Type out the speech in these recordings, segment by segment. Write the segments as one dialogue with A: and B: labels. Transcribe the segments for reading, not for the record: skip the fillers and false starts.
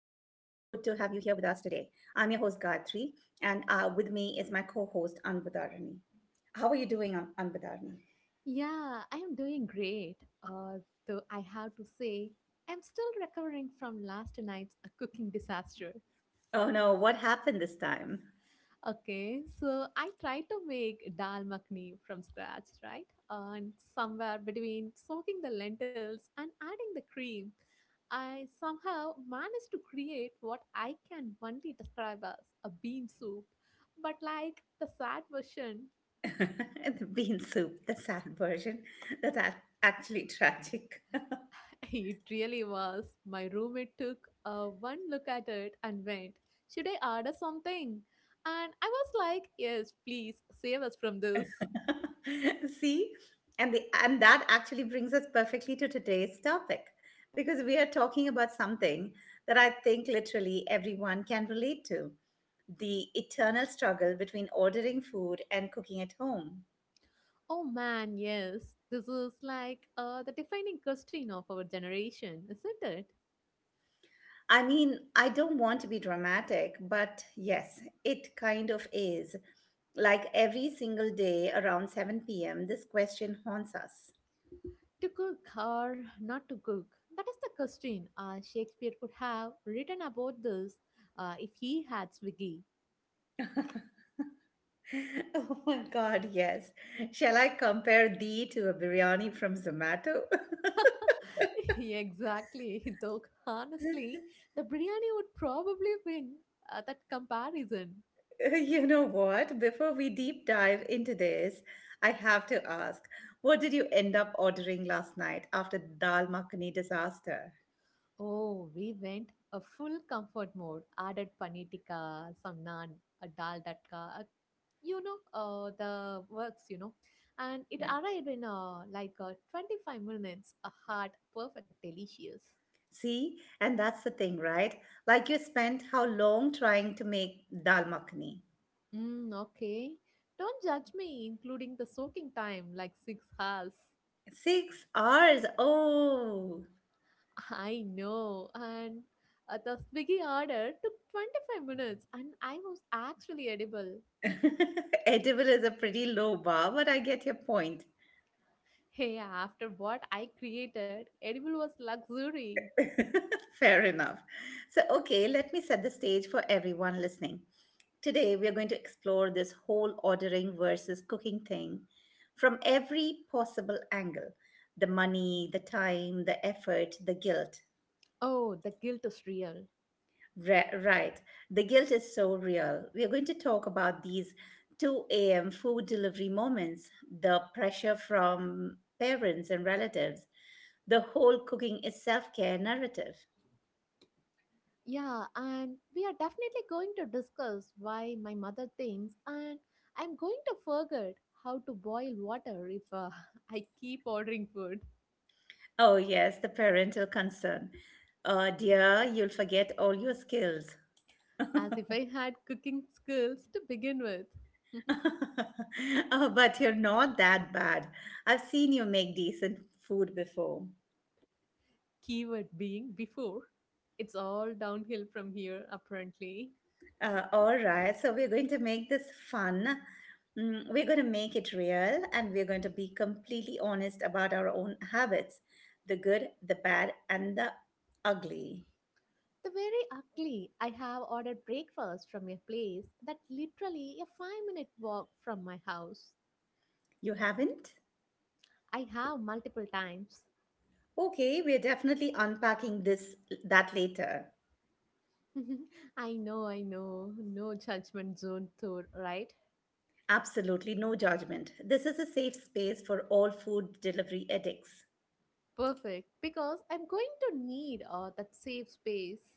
A: today. I'm your host, Gayatri, and with me is my co host, Anbudarani. How are you doing, Anbudarani?
B: Yeah, I am doing great. Uh, though I have to say, I'm still recovering from last night's cooking disaster.
A: Oh no, what happened this time?
B: Okay, so I tried to make dal makhni from scratch, right? And somewhere between soaking the lentils and adding the cream, I somehow managed to create what I can only describe as a bean soup, but like the sad version.
A: The bean soup, the sad version. That's ac- Actually tragic.
B: It really was. My roommate took a one look at it and went, "Should I order something?" And I was like, "Yes, please save us from this."
A: See, and that actually brings us perfectly to today's topic because we are talking about something that I think literally everyone can relate to, the eternal struggle between ordering food and cooking at home.
B: Oh man, yes. This is like the defining question of our generation, isn't it?
A: I mean, I don't want to be dramatic, but yes, it kind of is. Like every single day around 7 p.m., this question haunts us.
B: To cook or not to cook. That is the question. Shakespeare could have written about this if he had Swiggy.
A: Oh my God, yes. Shall I compare thee to a biryani from Zomato?
B: Exactly, though honestly, the biryani would probably win that comparison.
A: You know what? Before we deep dive into this, I have to ask, what did you end up ordering last night after the dal makhani disaster?
B: Oh, we went a full comfort mode, added paneer tikka, some naan, a dal datka, a the works, and it
A: Yeah.
B: arrived in like 25 minutes, a hot, perfect, delicious.
A: See, and that's the thing, right? Like you spent how long trying to make dal makhani?
B: Mm, okay, don't judge me, including the soaking time, like 6 hours.
A: 6 hours. Oh,
B: I know. And the Swiggy order took 25 minutes and I was actually edible.
A: edible is a pretty low bar, but I get your point.
B: Hey, after what I created, edible was luxury.
A: Fair enough. So, okay, let me set the stage for everyone listening. Today, we are going to explore this whole ordering versus cooking thing from every possible angle, the money, the time, the effort, the guilt.
B: Oh, the guilt is real.
A: Right. The guilt is so real. We are going to talk about these 2 a.m. food delivery moments, the pressure from parents and relatives, the whole cooking is self care narrative.
B: Yeah, and we are definitely going to discuss why my mother thinks, and I'm going to forget how to boil water if I keep ordering food,
A: Oh, yes, the parental concern. Dear, you'll forget all your skills.
B: as if I had cooking skills to begin with.
A: Oh, but you're not that bad. I've seen you make decent food before.
B: Keyword being before. It's all downhill from here, apparently.
A: All right, so we're going to make this fun. We're going to make it real, and we're going to be completely honest about our own habits, the good, the bad, and the ugly.
B: The very ugly, I have ordered breakfast from a place that literally a 5-minute walk from my house.
A: You haven't?
B: I have multiple times.
A: Okay, we're definitely unpacking this that later.
B: I know, I know. No judgment zone tour, right?
A: Absolutely no judgment. This is a safe space for all food delivery addicts.
B: Perfect, because I'm going to need that safe space.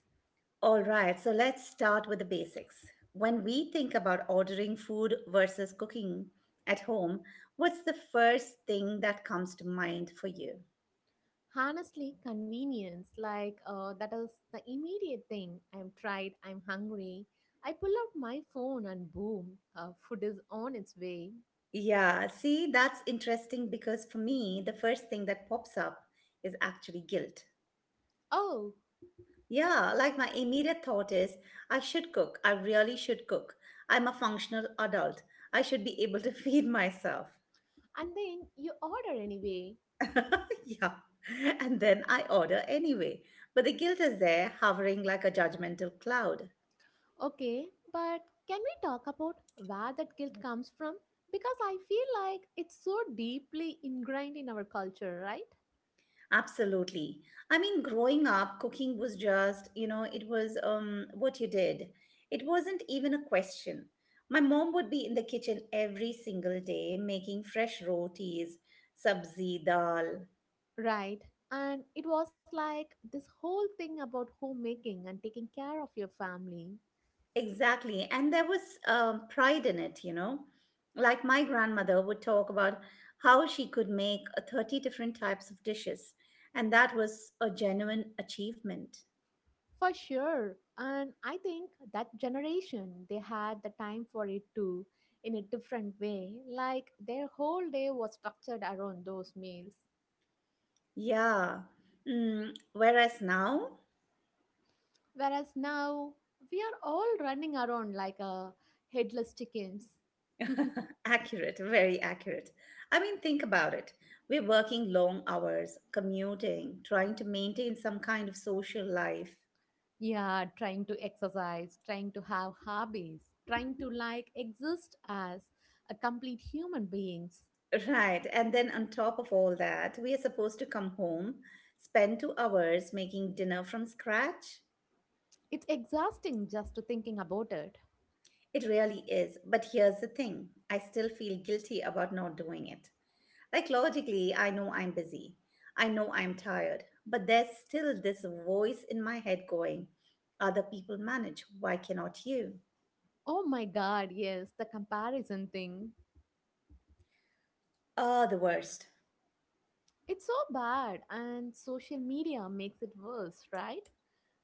A: All right, so let's start with the basics. When we think about ordering food versus cooking at home, what's the first thing that comes to mind for you?
B: Honestly, convenience, like that is the immediate thing. I'm tired, I'm hungry. I pull out my phone and boom, food is on its way.
A: Yeah, see, that's interesting because for me, the first thing that pops up is actually guilt.
B: Oh,
A: Yeah, like my immediate thought is, I should cook. I really should cook. I'm a functional adult. I should be able to feed myself.
B: and then you order anyway.
A: Yeah. And then I order anyway. But the guilt is there, hovering like a judgmental cloud.
B: Okay, but can we talk about where that guilt comes from? Because I feel like it's so deeply ingrained in our culture, right?
A: Absolutely. I mean, growing up, cooking was just, you know, it was what you did. It wasn't even a question. My mom would be in the kitchen every single day making fresh rotis, sabzi, dal.
B: Right. And it was like this whole thing about homemaking and taking care of your family.
A: Exactly. And there was pride in it, you know. Like my grandmother would talk about how she could make 30 different types of dishes. And that was a genuine achievement.
B: For sure. And I think that generation, they had the time for it too, in a different way. Like their whole day was structured around those meals.
A: Yeah. Whereas now,
B: Whereas now, we are all running around like a headless chickens.
A: accurate, very accurate. I mean, think about it. We're working long hours, commuting, trying to maintain some kind of social life.
B: Yeah, trying to exercise, trying to have hobbies, trying to like exist as a complete human beings.
A: Right. And then on top of all that, we are supposed to come home, spend 2 hours making dinner from scratch.
B: It's exhausting just to thinking about it.
A: It really is. But here's the thing, I still feel guilty about not doing it. Like, logically, I know I'm busy, I know I'm tired, but there's still this voice in my head going, other people manage. Why cannot you?
B: Oh my God, yes, the comparison thing.
A: Ah, the worst.
B: It's so bad, and social media makes it worse, right?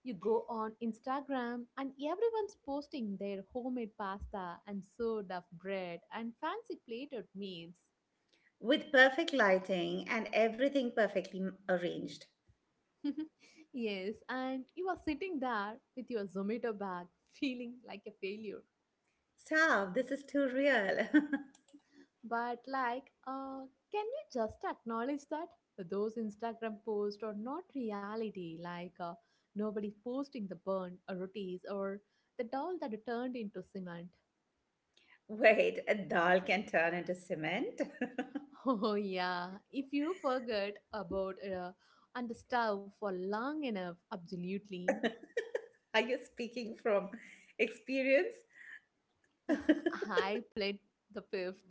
B: You go on Instagram, and everyone's posting their homemade pasta and sourdough of bread and fancy plated meals.
A: With perfect lighting and everything perfectly arranged.
B: Yes, and you are sitting there with your Zomato bag feeling like a failure.
A: Stop, this is too real.
B: But like, can we just acknowledge that those Instagram posts are not reality? Like, nobody posting the burnt rotis or the doll that turned into cement.
A: Wait, a dal can turn into cement?
B: Oh yeah, if you forget about and the stove for long enough, absolutely.
A: Are you speaking from experience?
B: I played the fifth.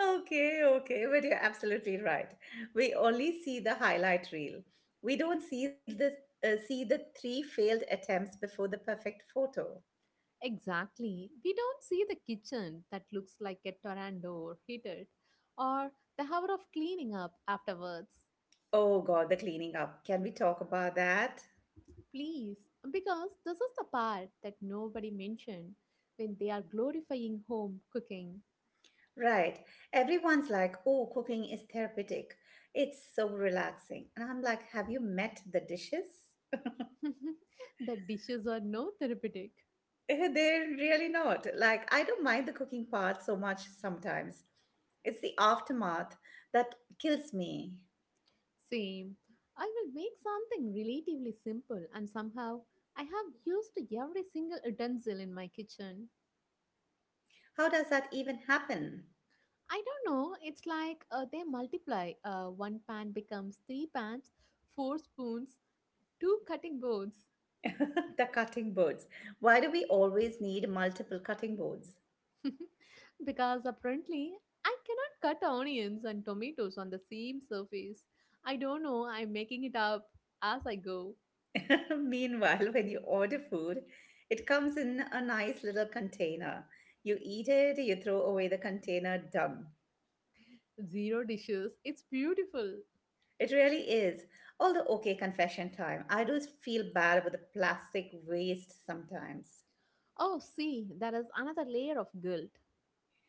A: Okay, okay, but you're absolutely right. We only see the highlight reel. We don't see the three failed attempts before the perfect photo.
B: Exactly. We don't see the kitchen that looks like a tornado hit it, or the hour of cleaning up afterwards.
A: Oh God, the cleaning up. Can we talk about that?
B: Please, because this is the part that nobody mentioned when they are glorifying home cooking.
A: Right. Everyone's like, "Oh, cooking is therapeutic. It's so relaxing." And I'm like, "Have you met the dishes?"
B: The dishes are no therapeutic.
A: They're really not. Like, I don't mind the cooking part so much sometimes. It's the aftermath that kills me.
B: Same. I will make something relatively simple, and somehow I have used every single utensil in my kitchen.
A: How does that even happen?
B: I don't know, it's like they multiply. One pan becomes three pans, four spoons, two cutting boards.
A: The cutting boards. Why do we always need multiple cutting boards?
B: Because apparently I cannot cut onions and tomatoes on the same surface. I don't know, I'm making it up as I go.
A: Meanwhile, when you order food, it comes in a nice little container. You eat it, you throw away the container, done.
B: Zero dishes. It's beautiful.
A: It really is. Although, okay, confession time. I do feel bad about the plastic waste sometimes.
B: Oh, see, that is another layer of guilt.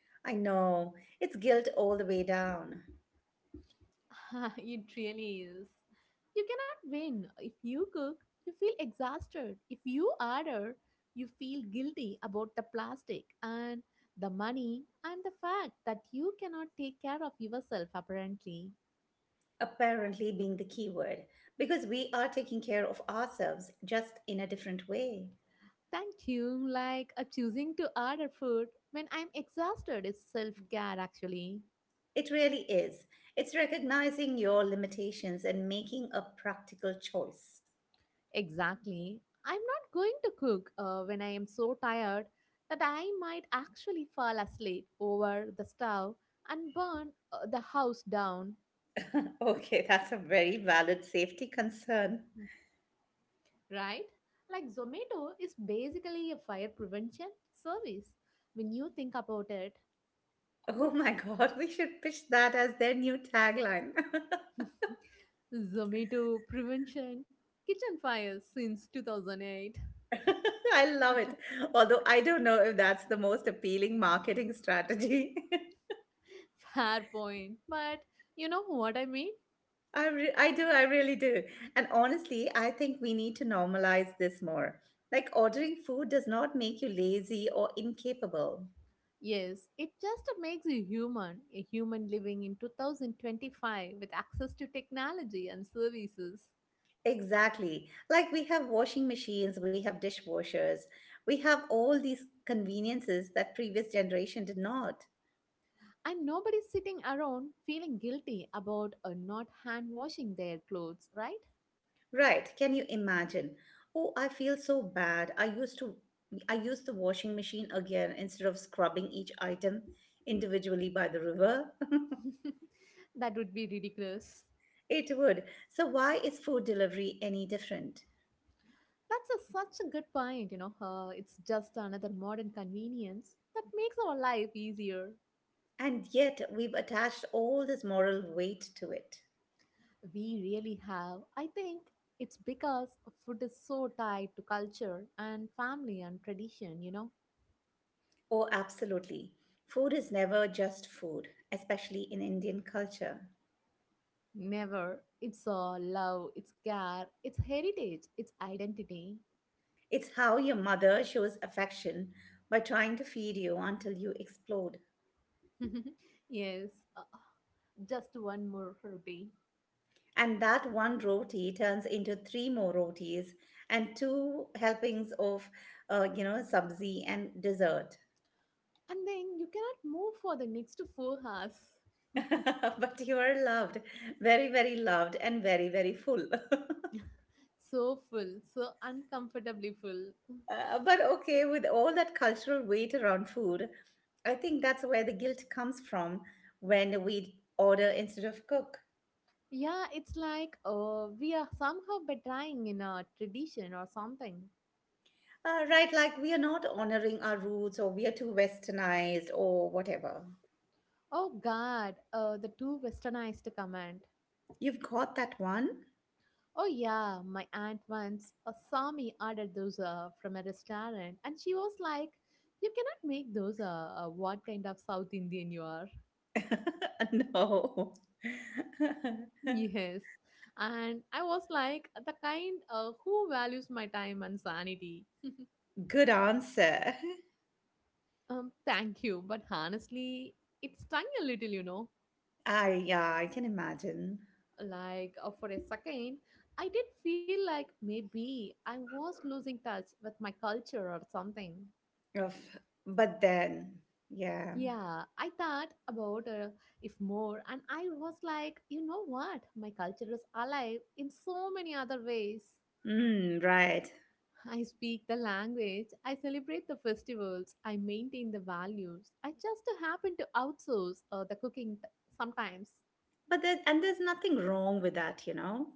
A: I know. It's guilt all the way down.
B: It really is. You cannot win. If you cook, you feel exhausted. If you order, you feel guilty about the plastic and the money and the fact that you cannot take care of yourself, apparently.
A: Apparently, being the key word, because we are taking care of ourselves, just in a different way.
B: Thank you. Like choosing to order food when I'm exhausted is self care, actually.
A: It really is. It's recognizing your limitations and making a practical choice.
B: Exactly. I'm not going to cook when I am so tired that I might actually fall asleep over the stove and burn the house down,
A: Okay, that's a very valid safety concern.
B: right? Like Zomato is basically a fire prevention service. When you think about it,
A: Oh my god, we should pitch that as their new tagline.
B: Zomato prevention kitchen fires since 2008.
A: I love it. Although I don't know if that's the most appealing marketing strategy.
B: Fair point. But you know what I mean?
A: I do, I really do. And honestly, I think we need to normalize this more. Like, ordering food does not make you lazy or incapable.
B: Yes, it just makes you human, a human living in 2025 with access to technology and services.
A: Exactly. Like, we have washing machines, we have dishwashers, we have all these conveniences that previous generation did not.
B: And nobody's sitting around feeling guilty about not hand washing their clothes, right?
A: Right. Can you imagine? Oh, I feel so bad. I used the washing machine again instead of scrubbing each item individually by the river.
B: That would be ridiculous.
A: It would. So, why is food delivery any different?
B: That's a, such a good point, you know. It's just another modern convenience that makes our life easier.
A: And yet, we've attached all this moral weight to it.
B: We really have. I think it's because food is so tied to culture and family and tradition, you know.
A: Oh, absolutely. Food is never just food, especially in Indian culture.
B: Never. It's love, it's care, it's heritage, it's identity.
A: It's how your mother shows affection by trying to feed you until you explode.
B: Yes, uh, just one more Herbie.
A: And that one roti turns into three more rotis and two helpings of, you know, sabzi and dessert.
B: And then you cannot move for the next 4 hours.
A: But you are loved, very, very loved, and very, very full.
B: So full, so uncomfortably full.
A: But okay, with all that cultural weight around food, I think that's where the guilt comes from when we order instead of cook.
B: Yeah, it's like we are somehow betraying in a tradition or something.
A: Right, like we are not honoring our roots, or we are too westernized, or whatever.
B: Oh God, the too westernized comment.
A: You've got that one?
B: Oh yeah, my aunt once saw me order those from a restaurant, and she was like, "You cannot make those. What kind of South Indian you are?"
A: No.
B: Yes, and I was like, the kind who values my time and sanity.
A: Good answer.
B: Thank you, but honestly, it stung a little, you know.
A: I can imagine.
B: Like for a second, I did feel like maybe I was losing touch with my culture or something.
A: Of, but then, yeah.
B: Yeah, I thought about if more, and I was like, you know what? My culture is alive in so many other ways.
A: Mm, right.
B: I speak the language, I celebrate the festivals, I maintain the values. I just happen to outsource the cooking sometimes.
A: But there's nothing wrong with that, you know.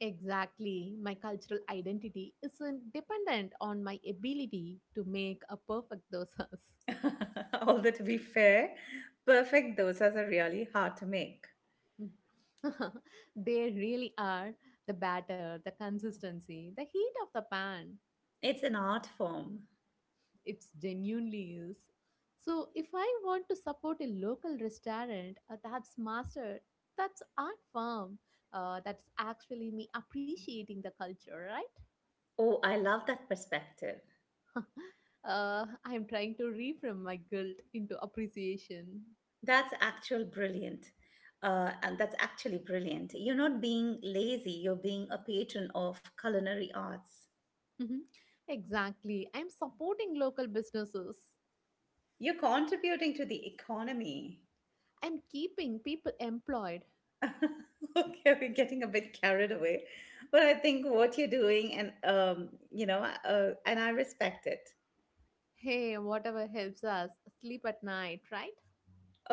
B: Exactly. My cultural identity isn't dependent on my ability to make a perfect dosas.
A: Although to be fair, perfect dosas are really hard to make.
B: They really are the batter, the consistency, the heat of the pan.
A: It's an art form.
B: It's genuinely is. So if I want to support a local restaurant that's master, that's art form. That's actually me appreciating the culture, right?
A: Oh, I love that perspective.
B: I'm trying to reframe my guilt into appreciation.
A: That's actual brilliant. That's actually brilliant. You're not being lazy, you're being a patron of culinary arts.
B: Mhm. Exactly. I'm supporting local businesses.
A: You're contributing to the economy.
B: I'm keeping people employed.
A: Okay, we're getting a bit carried away, but I think what you're doing, and I respect it.
B: Hey, whatever helps us sleep at night, right?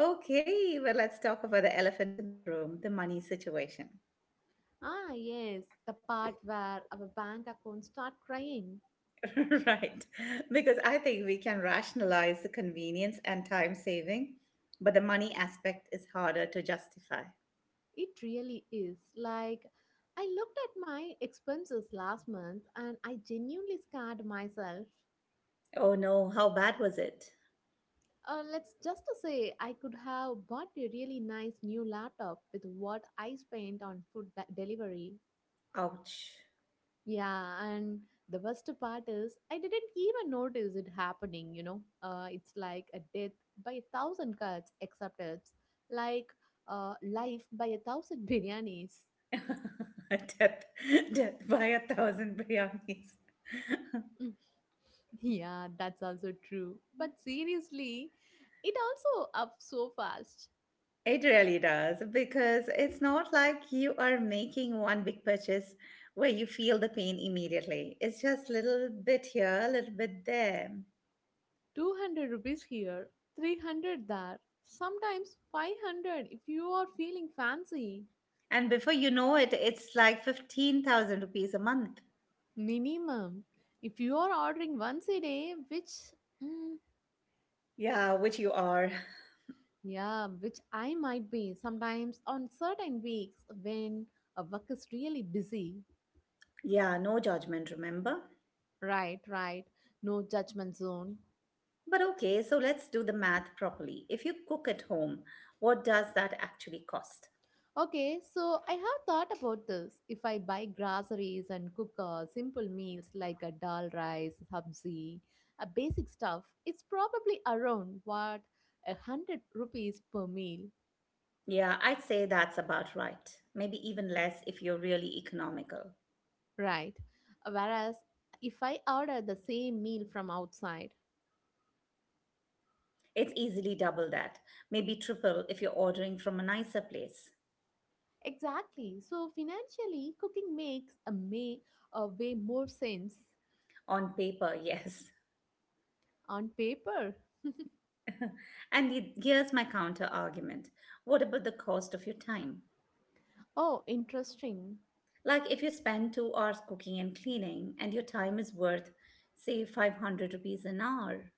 A: Okay, well, let's talk about the elephant in the room, the money situation.
B: Ah, yes, the part where our bank accounts start crying.
A: Right? Because I think we can rationalize the convenience and time saving, but the money aspect is harder to justify.
B: It really is. Like, I looked at my expenses last month and I genuinely scared myself.
A: Oh no, how bad was it?
B: Let's just to say I could have bought a really nice new laptop with what I spent on food delivery.
A: Ouch.
B: Yeah, and the worst part is I didn't even notice it happening, you know. It's like a death by 1,000 cuts, except it's like life by 1,000 biryanis.
A: Death, death by a thousand biryanis.
B: Mm, yeah, that's also true. But seriously, it also up so fast.
A: It really does, because it's not like you are making one big purchase where you feel the pain immediately. It's just little bit here, a little bit there.
B: 200 rupees here, 300 there, sometimes 500 if you are feeling fancy.
A: And before you know it, it's like 15,000 rupees a month.
B: Minimum. If you are ordering once a day, which mm,
A: Yeah, which you are.
B: yeah, which I might be sometimes on certain weeks when a work is really busy.
A: Yeah, no judgment, remember?
B: Right, right. No judgment zone.
A: But okay, so let's do the math properly. If you cook at home, what does that actually cost?
B: Okay, so I have thought about this. If I buy groceries and cook simple meals like a dal rice, sabzi, a basic stuff, it's probably around what 100 rupees per meal,
A: Yeah, I'd say that's about right. Maybe even less if you're really economical.
B: right? Whereas if I order the same meal from outside,
A: It's easily double that, maybe triple if you're ordering from a nicer place.
B: exactly. So financially, cooking makes a may a way more sense
A: On paper, yes.
B: on paper.
A: And here's my counter argument, what about the cost of your time?
B: Oh, interesting.
A: Like, if you spend 2 hours cooking and cleaning, and your time is worth, say, 500 rupees an hour.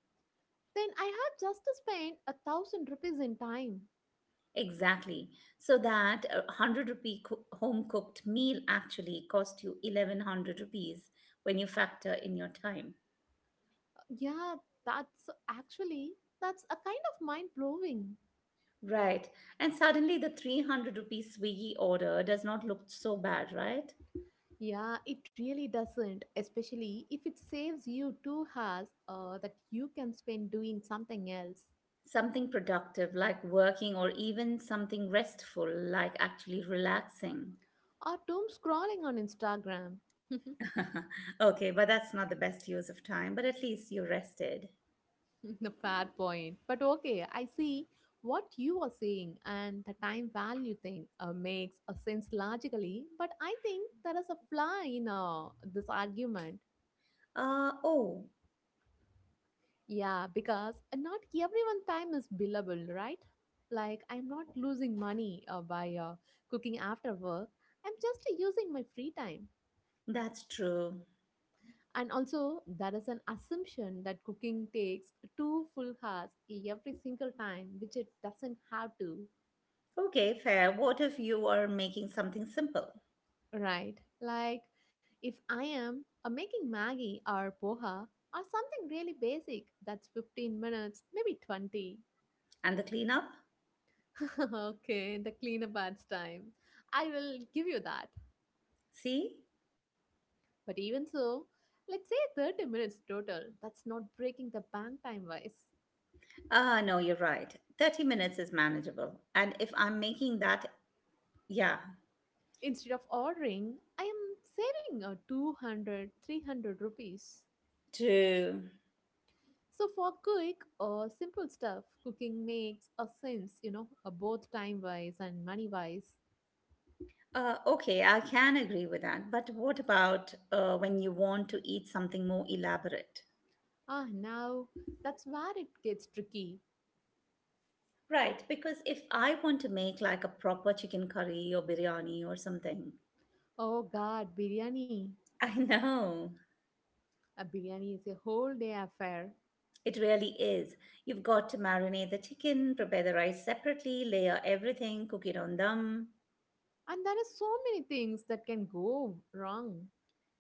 B: Then I have just to spend 1,000 rupees in time.
A: Exactly. So that a 100 rupee home cooked meal actually cost you 1100 rupees when you factor in your time.
B: Yeah, that's actually that's a kind of mind blowing.
A: Right. And suddenly the 300 rupee Swiggy order does not look so bad, right?
B: Yeah, it really doesn't, especially if it saves you 2 hours that you can spend doing something else
A: Something productive like working, or even something restful like actually relaxing.
B: or doom scrolling on Instagram.
A: Okay, but that's not the best use of time, but at least you rested.
B: The fair point. But okay, I see what you are saying, and the time value thing makes a sense logically. But I think there is a flaw in this argument.
A: Uh oh,
B: Yeah, because not everyone time is billable, right? Like I'm not losing money by cooking after work. I'm just using my free time.
A: that's true.
B: And also, there is an assumption that cooking takes two full hours every single time, which it doesn't have to.
A: Okay, fair. What if you are making something simple?
B: Right. Like if I am making Maggie or poha or something really basic, that's 15 minutes, maybe 20.
A: And the cleanup?
B: Okay, the cleanup adds time. I will give you that.
A: See?
B: But even so, let's say 30 minutes total. That's not breaking the bank time wise.
A: Ah, no, you're right. 30 minutes is manageable. And if I'm making that, yeah,
B: Instead of ordering, I am saving 200, 300 rupees.
A: true.
B: So for quick or simple stuff, cooking makes a sense, you know, both time wise and money wise.
A: Okay, I can agree with that. But what about when you want to eat something more elaborate?
B: Ah, now that's where it gets tricky.
A: Right, because if I want to make like a proper chicken curry or biryani or something,
B: Oh God, biryani.
A: I know,
B: A biryani is a whole day affair.
A: it really is. You've got to marinate the chicken, prepare the rice separately, layer everything, cook it on dum.
B: And there are so many things that can go wrong.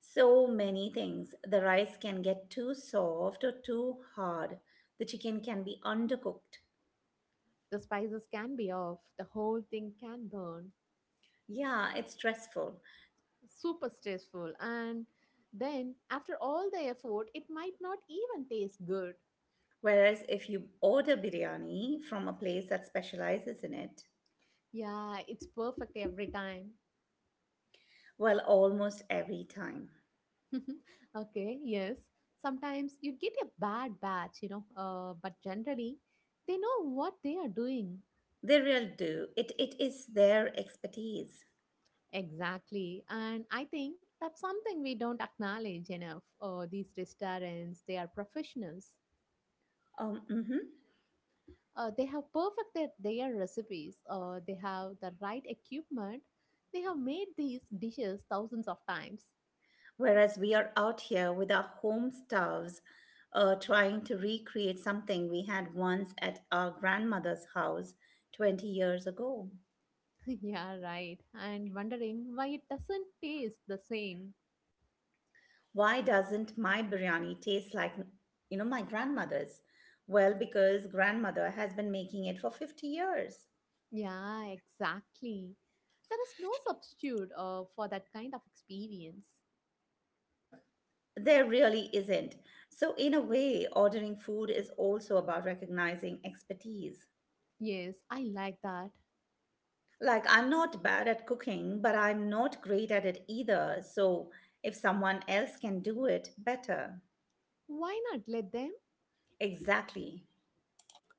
A: So many things. The rice can get too soft or too hard. The chicken can be undercooked.
B: The spices can be off, the whole thing can burn.
A: Yeah, it's stressful.
B: Super stressful. And then after all the effort, it might not even taste good.
A: Whereas if you order biryani from a place that specializes in it,
B: Yeah, it's perfect every time.
A: well, almost every time
B: Okay, yes. Sometimes you get a bad batch, but generally they know what they are doing.
A: they really do. It is their expertise.
B: Exactly. And I think that's something we don't acknowledge enough. These restaurants, they are professionals.
A: Mhm.
B: They have perfected their recipes. They have the right equipment. They have made these dishes thousands of times.
A: Whereas we are out here with our home stuffs, trying to recreate something we had once at our grandmother's house 20 years ago.
B: Yeah, right. And wondering why it doesn't taste the same.
A: Why doesn't my biryani taste like my grandmother's? Well, because grandmother has been making it for 50 years.
B: Yeah, exactly. There is no substitute for that kind of experience.
A: There really isn't. So, in a way, ordering food is also about recognizing expertise.
B: Yes, I like that.
A: Like, I'm not bad at cooking, but I'm not great at it either. So, if someone else can do it, better.
B: Why not let them?
A: Exactly.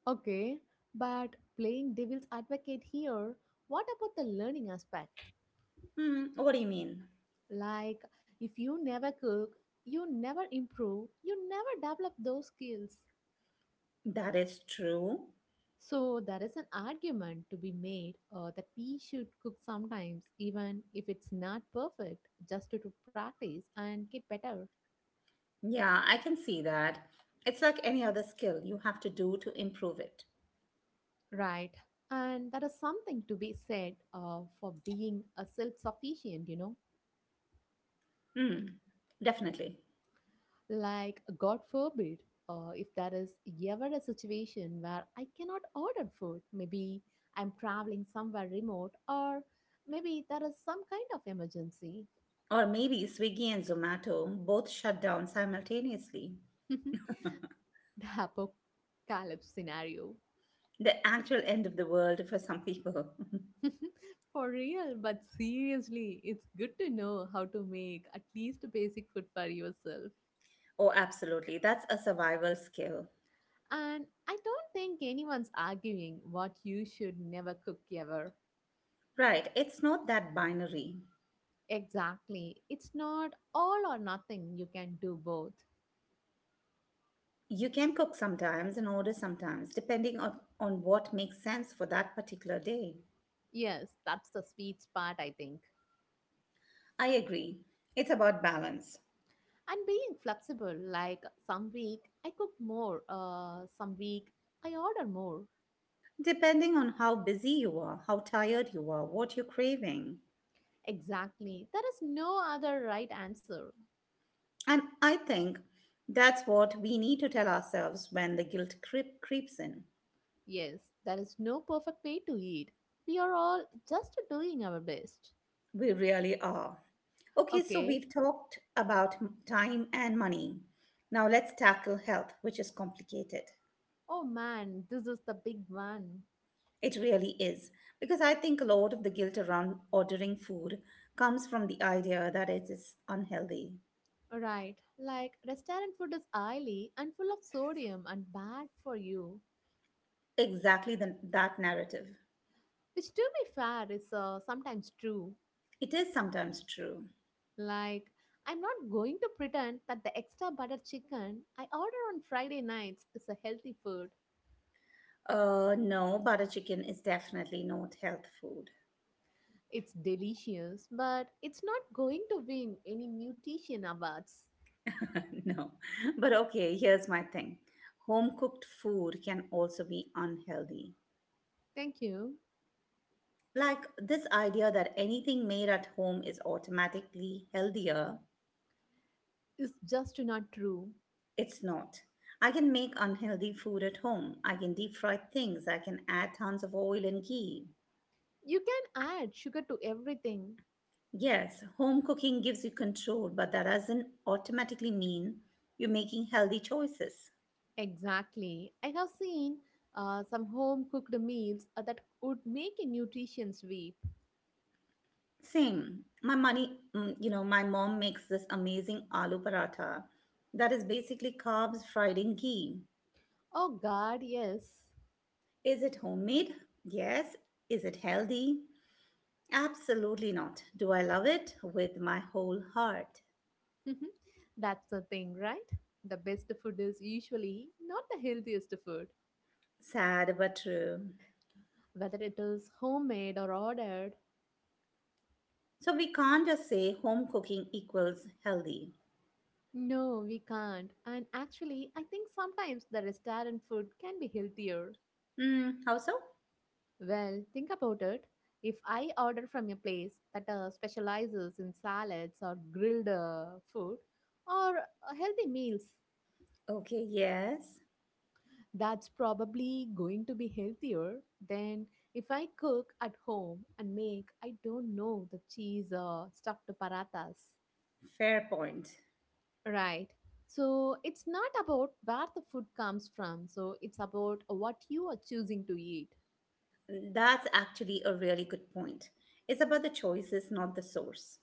B: Okay, but playing devil's advocate here, what about the learning aspect?
A: Hmm, what do you mean?
B: Like, if you never cook, you never improve, you never develop those skills.
A: That is true.
B: So, there is an argument to be made that we should cook sometimes, even if it's not perfect, just to practice and get better.
A: Yeah, I can see that. It's like any other skill you have to do to improve it.
B: Right. And that is something to be said for being self sufficient, you know.
A: Hmm, definitely.
B: Like, God forbid, if there is ever a situation where I cannot order food, maybe I'm traveling somewhere remote, or maybe there is some kind of emergency.
A: Or maybe Swiggy and Zomato both shut down simultaneously.
B: The apocalypse scenario.
A: The actual end of the world for some people.
B: For real, but seriously, it's good to know how to make at least basic food for yourself.
A: Oh, absolutely. That's a survival skill.
B: And I don't think anyone's arguing what you should never cook ever.
A: Right. It's not that binary.
B: Exactly. It's not all or nothing. You can do both.
A: You can cook sometimes and order sometimes, depending on what makes sense for that particular day.
B: Yes, that's the sweet spot, I think.
A: I agree. It's about balance.
B: And being flexible, like some week I cook more, some week I order more.
A: Depending on how busy you are, how tired you are, what you're craving.
B: Exactly. There is no other right answer.
A: And I think that's what we need to tell ourselves when the guilt creeps in.
B: Yes, there is no perfect way to eat. We are all just doing our best.
A: We really are. Okay, so
B: Okay.
A: we've talked about time and money. Now let's tackle health, which is complicated.
B: Oh man, this is the big one.
A: It really is, because I think a lot of the guilt around ordering food comes from the idea that it is unhealthy.
B: Right, like restaurant food is oily and full of sodium and bad for you.
A: Exactly that narrative.
B: Which, to be fair, is sometimes true.
A: It is sometimes true.
B: Like, I'm not going to pretend that the extra butter chicken I order on Friday nights is a healthy food.
A: No, butter chicken is definitely not health food.
B: It's delicious, but it's not going to win any nutrition awards.
A: No, but okay, here's my thing. Home cooked food can also be unhealthy.
B: Thank you.
A: Like this idea that anything made at home is automatically healthier,
B: It's just not true.
A: it's not. I can make unhealthy food at home. I can deep fry things. I can add tons of oil and ghee.
B: You can add sugar to everything.
A: Yes, home cooking gives you control, but that doesn't automatically mean you're making healthy choices.
B: Exactly. I have seen some home cooked meals that would make a nutrition weep.
A: Same. My money, my mom makes this amazing aloo paratha that is basically carbs fried in ghee.
B: Oh, God, yes.
A: Is it homemade? Yes. Is it healthy? Absolutely not. Do I love it? With my whole heart.
B: That's the thing, right? The best food is usually not the healthiest food,
A: Sad but true.
B: whether it is homemade or ordered.
A: So we can't just say home cooking equals healthy.
B: No, we can't. And actually, I think sometimes the restaurant food can be healthier.
A: Hmm, how so?
B: Well, think about it. If I order from a place that specializes in salads or grilled food or healthy meals,
A: Okay, yes.
B: that's probably going to be healthier than if I cook at home and make, I don't know, the cheese or stuffed parathas.
A: Fair point.
B: Right. So it's not about where the food comes from, so it's about what you are choosing to eat.
A: That's actually a really good point. It's about the choices, not the source.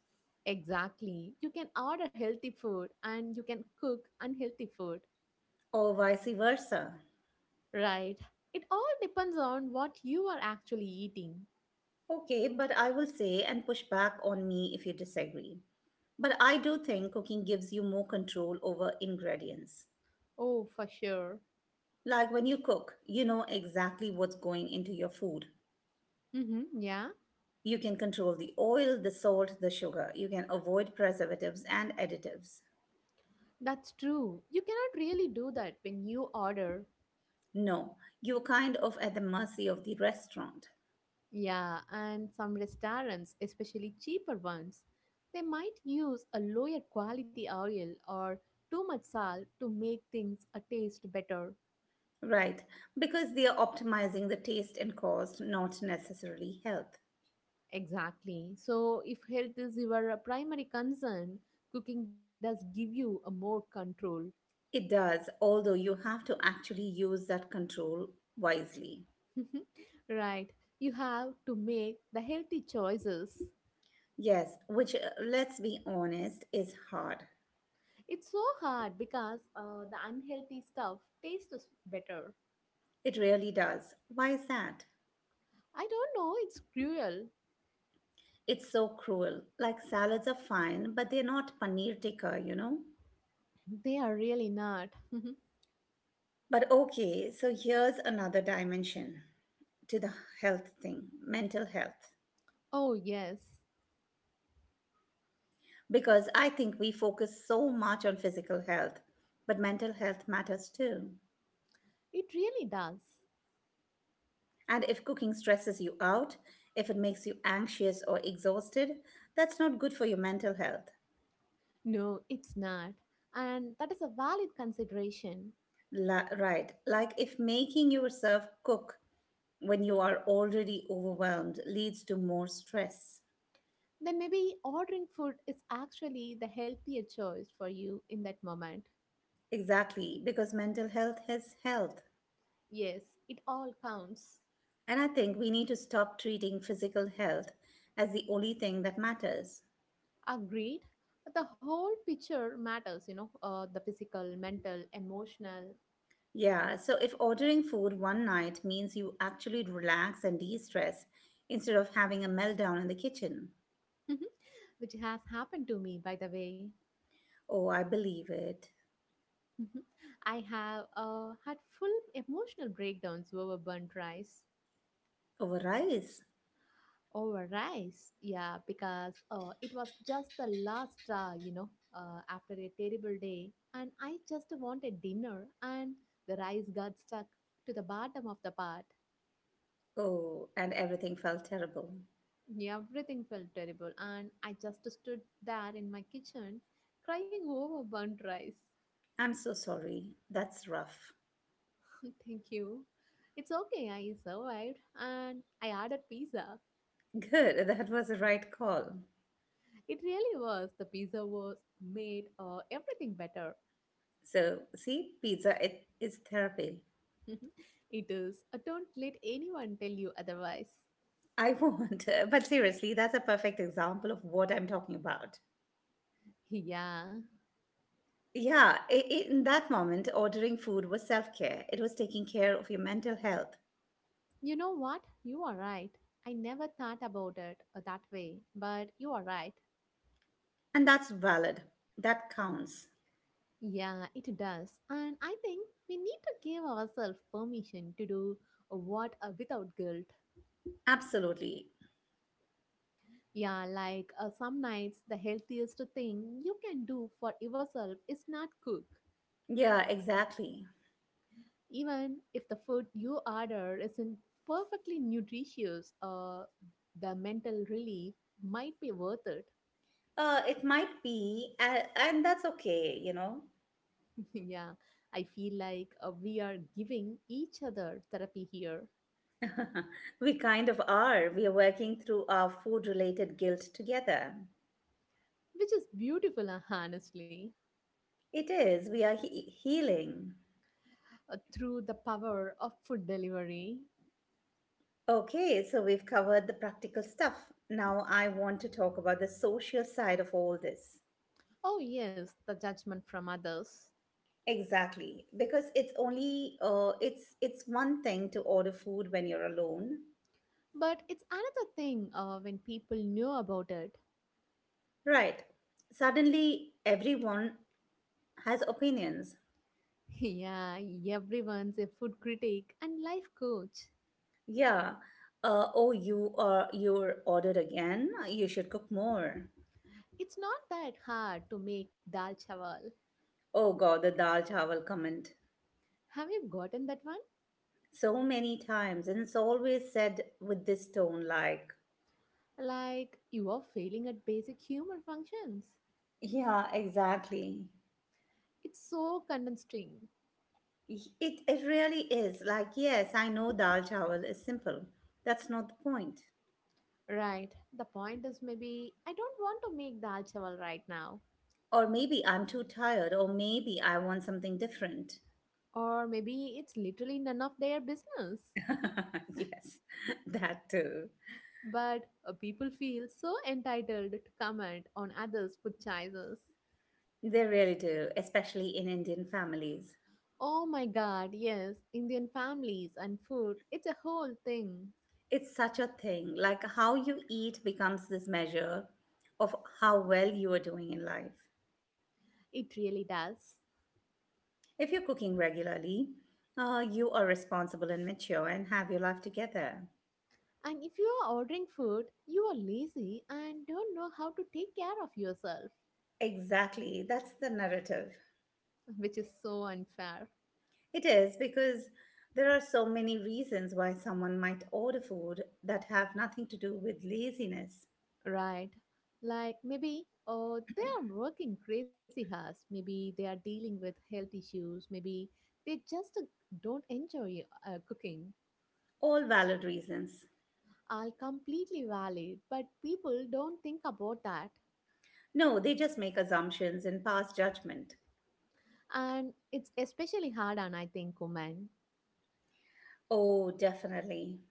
B: Exactly. You can order healthy food and you can cook unhealthy food.
A: Or vice versa.
B: Right. It all depends on what you are actually eating.
A: Okay, but I will say and push back on me if you disagree. But I do think cooking gives you more control over ingredients.
B: Oh, for sure.
A: Like when you cook, you know exactly what's going into your food.
B: Mm-hmm, yeah,
A: You can control the oil, the salt, the sugar. You can avoid preservatives and additives.
B: that's true. You cannot really do that when you order.
A: No, you're kind of at the mercy of the restaurant.
B: Yeah, and some restaurants, especially cheaper ones, they might use a lower quality oil or too much salt to make things a taste better.
A: Right, because they are optimizing the taste and cost, not necessarily health.
B: Exactly. So, if health is your primary concern, cooking does give you a more control.
A: It does, although you have to actually use that control wisely.
B: Right. You have to make the healthy choices.
A: Yes, which, let's be honest, is hard.
B: It's so hard because the unhealthy stuff tastes better.
A: It really does. Why is that?
B: I don't know, it's cruel.
A: It's so cruel. Like salads are fine, but they're not paneer tikka, you know?
B: They are really not.
A: But okay, so here's another dimension to the health thing mental health.
B: Oh, yes,
A: Because I think we focus so much on physical health, but mental health matters too.
B: it really does.
A: And if cooking stresses you out, if it makes you anxious or exhausted, that's not good for your mental health.
B: No, it's not. And that is a valid consideration.
A: Right. Like if making yourself cook when you are already overwhelmed leads to more stress.
B: Then maybe ordering food is actually the healthier choice for you in that moment.
A: Exactly, because mental health is health.
B: Yes, it all counts.
A: And I think we need to stop treating physical health as the only thing that matters.
B: Agreed. The whole picture matters, the physical, mental, emotional.
A: Yeah, so if ordering food one night means you actually relax and de stress instead of having a meltdown in the kitchen.
B: Which has happened to me, by the way.
A: Oh, I believe it.
B: Mhm. I have had full emotional breakdowns over burnt rice.
A: Over rice.
B: Over rice, yeah, because it was just the last straw, after a terrible day, and I just wanted dinner, and the rice got stuck to the bottom of the pot.
A: Oh, and everything felt terrible.
B: Everything felt terrible, and I just stood there in my kitchen crying over burnt rice.
A: I'm so sorry. That's rough.
B: Thank you. It's okay, I survived and I ordered pizza.
A: Good, that was the right call.
B: It really was. The pizza was made everything better.
A: So, see, pizza it is therapy.
B: It is. Don't let anyone tell you otherwise.
A: I won't. But seriously, that's a perfect example of what I'm talking about.
B: Yeah.
A: Yeah, in that moment, ordering food was self care. It was taking care of your mental health.
B: You know what? You are right. I never thought about it that way, but you are right.
A: And that's valid. That counts.
B: Yeah, it does. And I think we need to give ourselves permission to do what without guilt.
A: Absolutely.
B: Yeah, like some nights, the healthiest thing you can do for yourself is not cook.
A: Yeah, exactly.
B: Even if the food you order isn't perfectly nutritious, the mental relief might be worth it.
A: It might be, and that's okay, you know.
B: Yeah, I feel like we are giving each other therapy here,
A: We kind of are. We are working through our food related guilt together.
B: which is beautiful, honestly.
A: It is. We are healing.
B: Through the power of food delivery.
A: Okay, so we've covered the practical stuff. Now I want to talk about the social side of all this.
B: Oh, yes, the judgment from others.
A: Exactly, because it's only it's one thing to order food when you're alone,
B: But it's another thing when people know about it.
A: right? Suddenly everyone has opinions.
B: Yeah, everyone's a food critic and life coach.
A: Yeah. Oh, you're ordered again. You should cook more.
B: It's not that hard to make dal chawal.
A: Oh God, the dal chawal comment
B: Have you gotten that one?
A: so many times, and it's always said with this tone, like,
B: Like, you are failing at basic human functions.
A: yeah, exactly.
B: It's so condensing.
A: It really is. Like, yes, I know dal chawal is simple. That's not the point.
B: Right. The point is maybe I don't want to make dal chawal right now.
A: Or maybe I'm too tired, or maybe I want something different.
B: Or maybe it's literally none of their business.
A: Yes, that too.
B: But people feel so entitled to comment on others' food choices.
A: They really do, especially in Indian families.
B: Oh my god, yes, Indian families and food, it's a whole thing.
A: It's such a thing. Like, how you eat becomes this measure of how well you are doing in life.
B: It really does.
A: If you're cooking regularly, you are responsible and mature and have your life together.
B: And if you are ordering food, you are lazy and don't know how to take care of yourself.
A: Exactly. That's the narrative.
B: Which is so unfair.
A: It is because there are so many reasons why someone might order food that have nothing to do with laziness.
B: Right. Like maybe oh they are working crazy hours. Maybe they are dealing with health issues. Maybe they just don't enjoy cooking.
A: All valid reasons.
B: All completely valid, but people don't think about that.
A: No, they just make assumptions and pass judgment.
B: And it's especially hard on I think women
A: Oh, definitely.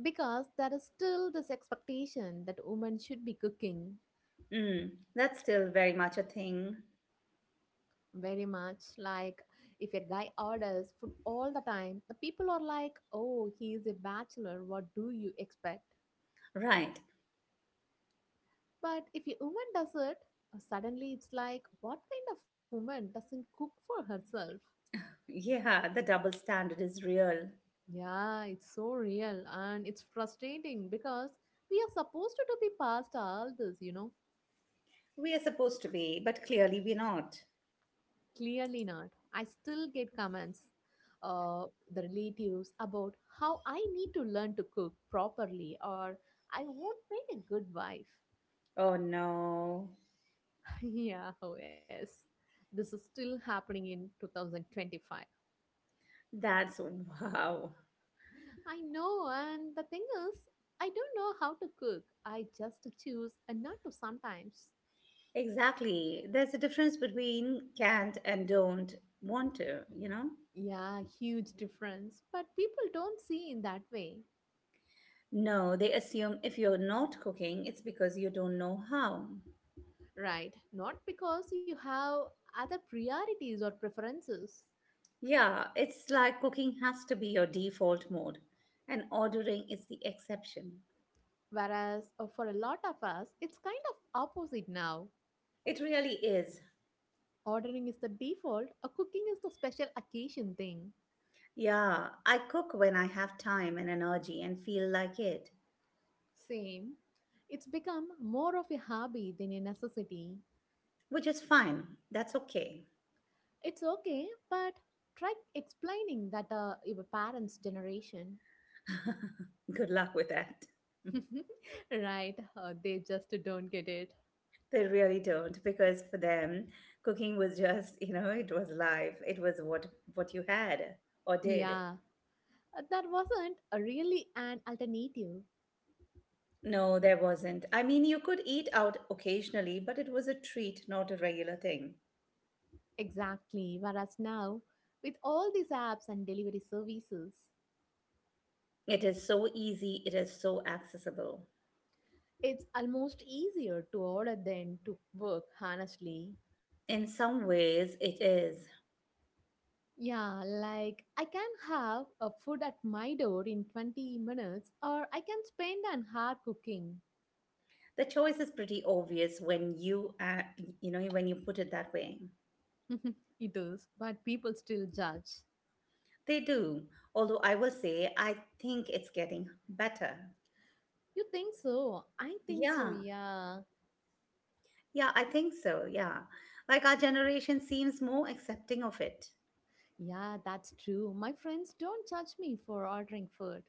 B: because there is still this expectation that women should be cooking.
A: Mm, that's still very much a thing.
B: Very much. Like, if a guy orders food all the time, the people are like, oh, he is a bachelor. What do you expect?
A: Right.
B: But if a woman does it, suddenly it's like, what kind of woman doesn't cook for herself?
A: Yeah, the double standard is real.
B: Yeah, it's so real and it's frustrating because we are supposed to be past all this, you know.
A: We are supposed to be, but clearly we're not.
B: Clearly not. I still get comments, uh, the relatives about how I need to learn to cook properly or I won't make a good wife.
A: Oh no.
B: Yeah, oh yes. This is still happening in 2025.
A: That's wow.
B: I know, and the thing is, I don't know how to cook. I just choose and not to sometimes.
A: Exactly. There's a difference between can't and don't want to, you know?
B: Yeah, huge difference. But people don't see in that way.
A: No, they assume if you're not cooking, it's because you don't know how.
B: Right, not because you have other priorities or preferences.
A: Yeah, it's like cooking has to be your default mode, and ordering is the exception.
B: Whereas for a lot of us, it's kind of opposite now.
A: It really is.
B: Ordering is the default, or cooking is the special occasion thing.
A: Yeah, I cook when I have time and energy and feel like it,
B: Same. It's become more of a hobby than a necessity.
A: which is fine. That's okay.
B: It's okay, but try explaining that your parents' generation.
A: Good luck with that.
B: Right, they just don't get it.
A: They really don't, because for them, cooking was just, you know, it was life. It was what you had or did.
B: Yeah, that wasn't really an alternative.
A: No, there wasn't. I mean, you could eat out occasionally, but it was a treat, not a regular thing.
B: Exactly. Whereas now, with all these apps and delivery services,
A: It is so easy, it is so accessible.
B: it's almost easier to order than to work, honestly.
A: In some ways, it is.
B: Yeah, like I can have a food at my door in 20 minutes or I can spend an hour cooking.
A: The choice is pretty obvious when when you put it that way.
B: It is, but people still judge.
A: They do. Although I will say, I think it's getting better.
B: You think so? I think so,
A: Yeah,
B: yeah.
A: yeah, I think so. Yeah. Like our generation seems more accepting of it.
B: Yeah, that's true. My friends don't judge me for ordering food.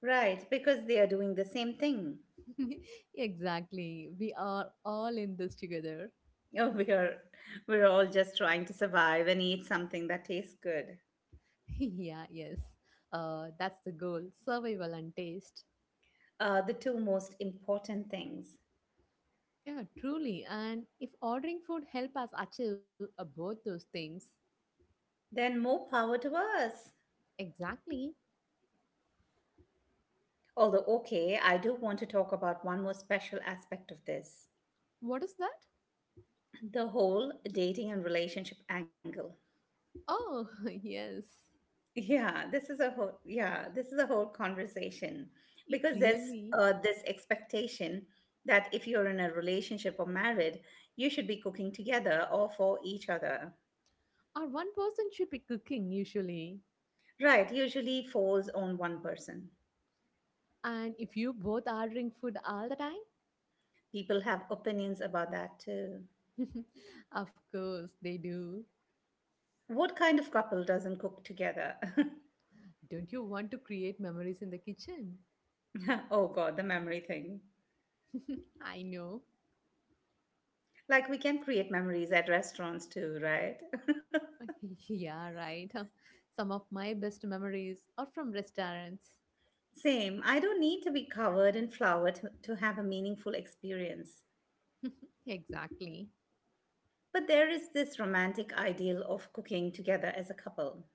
A: Right, because they are doing the same thing.
B: Exactly. We are all in this together.
A: Oh, we're all just trying to survive and eat something that tastes good.
B: Yeah, yes. That's the goal survival and taste.
A: The two most important things.
B: Yeah, truly. And if ordering food help us achieve both those things,
A: Then more power to us.
B: exactly.
A: Although, okay, I do want to talk about one more special aspect of this.
B: What is that?
A: The whole dating and relationship angle.
B: Oh, yes.
A: Yeah, this is a whole conversation
B: It
A: because there's
B: really.
A: this expectation that if you're in a relationship or married, you should be cooking together or for each other.
B: Or one person should be cooking usually.
A: Right, usually falls on one person.
B: And if you both ordering food all the time,
A: People have opinions about that too.
B: of course they do.
A: What kind of couple doesn't cook together?
B: Don't you want to create memories in the kitchen?
A: Oh God, the memory thing.
B: I know.
A: Like we can create memories at restaurants too, right?
B: Yeah, right. Some of my best memories are from restaurants.
A: Same. I don't need to be covered in flour to have a meaningful experience.
B: Exactly.
A: But there is this romantic ideal of cooking together as a couple.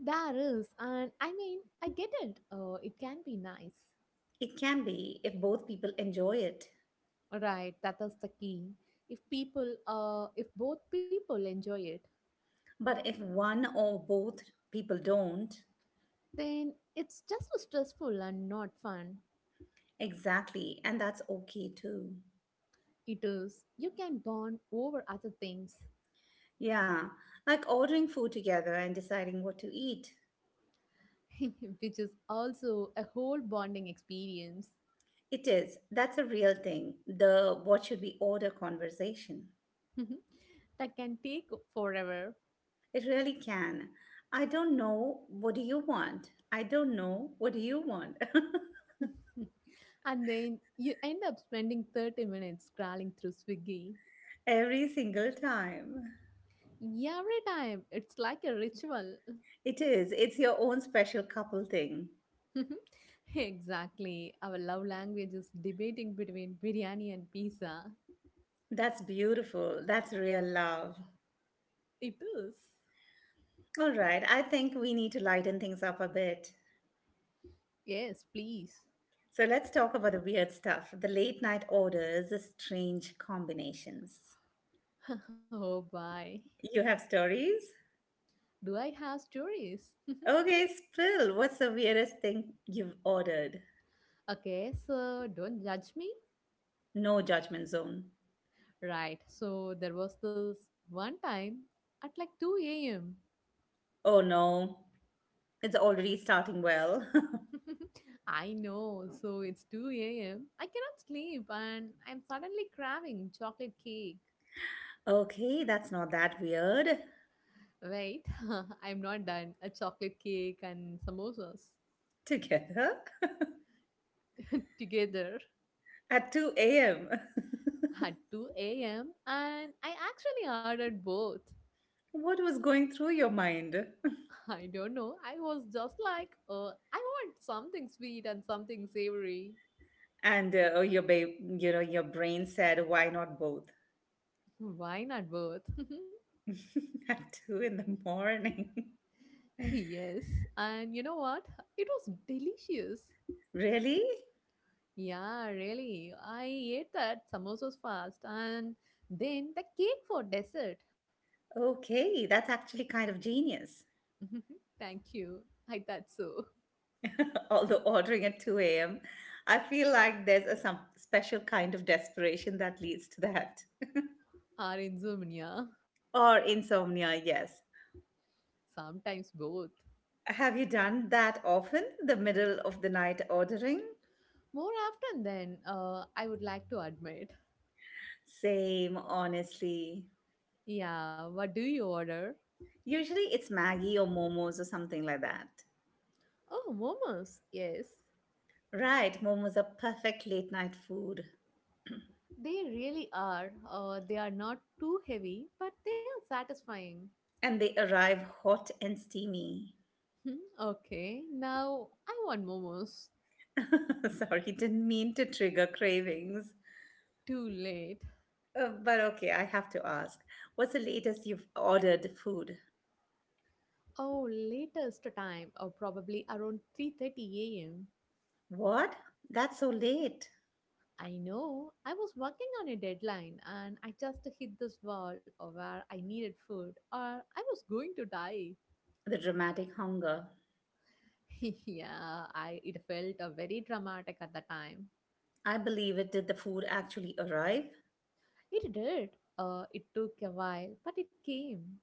B: There is, and I mean, I get it. It can be nice.
A: It can be if both people enjoy it.
B: Right, that is the key. If people, if both people enjoy it,
A: But if one or both people don't,
B: then it's just stressful and not fun.
A: exactly, and that's okay too.
B: It is. You can bond over other things,
A: Yeah, like ordering food together and deciding what to eat.
B: which is also a whole bonding experience.
A: It is. That's a real thing. The what should we order conversation.
B: That can take forever.
A: It really can. I don't know. What do you want? I don't know. What do you want?
B: And then you end up spending 30 minutes scrolling through Swiggy.
A: Every single time.
B: Every time, it's like a ritual.
A: It is. It's your own special couple thing.
B: Exactly. Our love language is debating between biryani and pizza.
A: That's beautiful. That's real love.
B: It is.
A: All right. I think we need to lighten things up a bit.
B: Yes, please.
A: So let's talk about the weird stuff the late night orders, the strange combinations.
B: Oh, bye.
A: You have stories?
B: Do I have stories?
A: Okay, spill. What's the weirdest thing you've ordered?
B: Okay, so don't judge me.
A: No judgment zone.
B: Right, so there was this one time at like 2 a.m.
A: Oh no, it's already starting well.
B: I know, so it's 2 a.m. I cannot sleep and I'm suddenly craving chocolate cake.
A: okay, that's not that weird.
B: Wait, I'm not done. A chocolate cake and samosas.
A: Together
B: Together
A: at 2 a.m.
B: at 2 a.m. And I actually ordered both.
A: What was going through your mind?
B: I don't know. I was just like, I want something sweet and something savory.
A: and oh, your brain said why not both?
B: Why not both?
A: At 2 in the morning?
B: yes. And you know what? It was delicious.
A: Really?
B: Yeah, really. I ate that samosas fast and then the cake for dessert.
A: Okay, that's actually kind of genius.
B: Thank you. I thought so.
A: Although ordering at 2 a.m., I feel like there's a some special kind of desperation that leads to that.
B: Or insomnia.
A: Or insomnia, yes.
B: Sometimes both.
A: Have you done that often, the middle of the night ordering?
B: More often than I would like to admit.
A: Same, honestly.
B: Yeah, what do you order?
A: Usually it's Maggie or momos or something like that.
B: Oh, momos. Yes.
A: Right, momos are perfect late night food,
B: They really are. They are not too heavy, but they are satisfying.
A: and they arrive hot and steamy.
B: Hmm, okay, now I want momos.
A: Sorry, didn't mean to trigger cravings.
B: Too late.
A: But okay, I have to ask, what's the latest you've ordered food?
B: Oh, latest time, or probably around 3:30 a.m.
A: What? That's so late.
B: I know. I was working on a deadline and I just hit this wall of where I needed food or I was going to die.
A: The dramatic hunger.
B: yeah, I it felt very dramatic at the time.
A: I believe it. Did the food actually arrive?
B: It did. It took a while, but it came.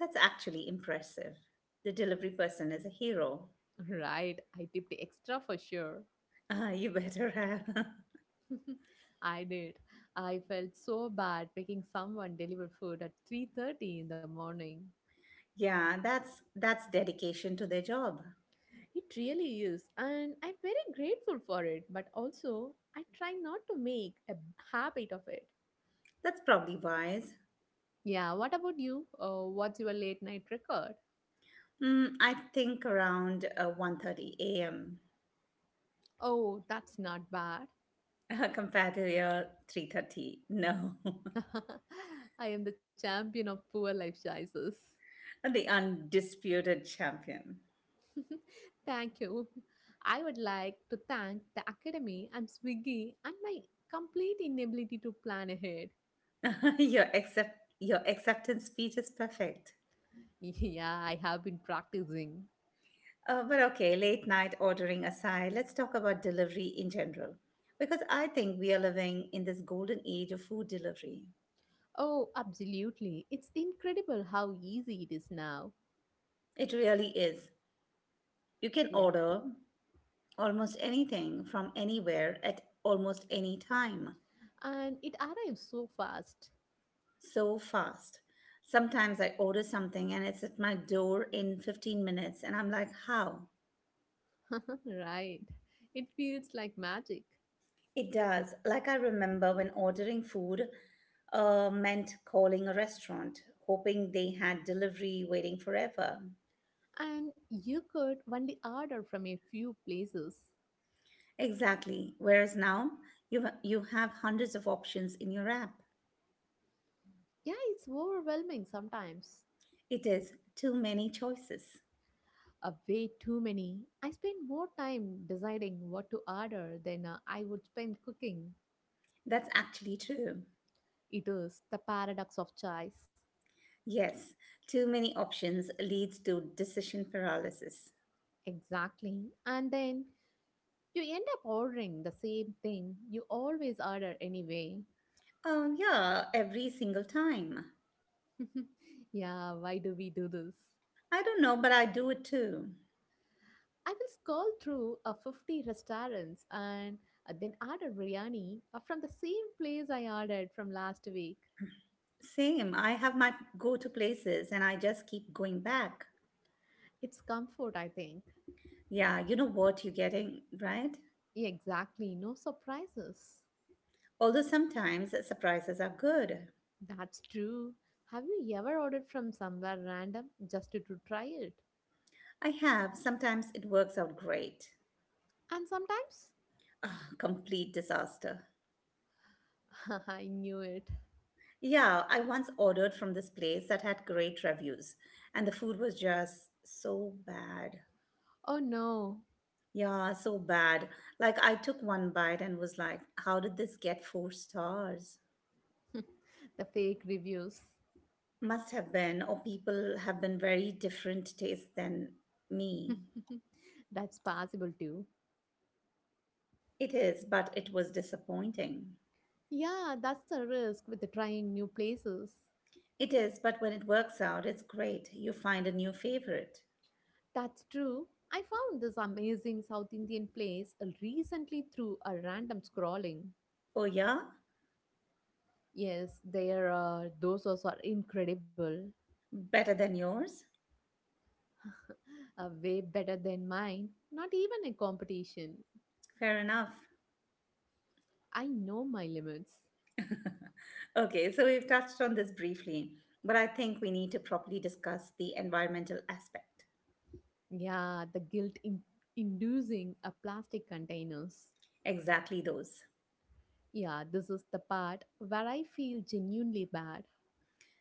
A: That's actually impressive. The delivery person is a hero.
B: Right, I tipped extra for sure.
A: Ah, you better have.
B: I did. I felt so bad making someone deliver food at 3:30 in the morning.
A: Yeah, that's dedication to their job.
B: It really is, and I'm very grateful for it, but also I try not to make a habit of it.
A: That's probably wise.
B: Yeah, what about you? What's your late night record?
A: Mm, I think around 1:30 a.m.
B: Oh, that's not bad.
A: Compared to your 3:30. No.
B: I am the champion of poor life choices.
A: The undisputed champion.
B: thank you. I would like to thank the Academy and Swiggy and my complete inability to plan ahead.
A: Your acceptance speech is perfect.
B: Yeah, I have been practicing.
A: But okay, late night ordering aside, let's talk about delivery in general. Because I think we are living in this golden age of food delivery.
B: Oh, absolutely. It's incredible how easy it is now.
A: It really is. You can
B: Yeah.
A: order almost anything from anywhere at almost any time.
B: And it arrives so fast.
A: So fast. Sometimes I order something and it's at my door in 15 minutes, and I'm like, how?
B: right. It feels like magic.
A: It does. Like I remember when ordering food meant calling a restaurant, hoping they had delivery waiting forever.
B: And you could only order from a few places.
A: Exactly. Whereas now, you have hundreds of options in your app.
B: Yeah, it's overwhelming sometimes.
A: It is too many choices.
B: A way too many. I spend more time deciding what to order than I would spend cooking.
A: That's actually true.
B: It is the paradox of choice.
A: Yes, too many options leads to decision paralysis.
B: Exactly. And then you end up ordering the same thing you always order anyway.
A: Yeah, every single time.
B: yeah, why do we do this?
A: I don't know, but I do it too.
B: I will scroll through 50 restaurants and then order biryani from the same place I ordered from last week.
A: Same. I have my go to places and I just keep going back.
B: It's comfort, I think.
A: Yeah, you know what you're getting, right?
B: Exactly, no surprises.
A: Although sometimes surprises are good.
B: That's true. Have you ever ordered from somewhere random just to, try it?
A: I have. Sometimes it works out great.
B: And sometimes?
A: Ah, complete disaster.
B: I knew it.
A: Yeah, I once ordered from this place that had great reviews, and the food was just so bad.
B: Oh no.
A: Yeah, so bad. Like, I took one bite and was like, how did this get four stars?
B: the fake reviews.
A: Must have been, or people have been very different taste than me.
B: that's possible too.
A: It is, but it was disappointing.
B: Yeah, that's the risk with the trying new places.
A: It is, but when it works out, it's great. You find a new favorite.
B: That's true. I found this amazing South Indian place recently through a random scrolling.
A: Oh, yeah?
B: Yes, their dosas are incredible.
A: Better than yours?
B: Way better than mine. Not even a competition.
A: Fair enough.
B: I know my limits.
A: Okay, so we've touched on this briefly, but I think we need to properly discuss the environmental aspect.
B: Yeah, the guilt in inducing a plastic containers.
A: Exactly those.
B: Yeah, this is the part where I feel genuinely bad.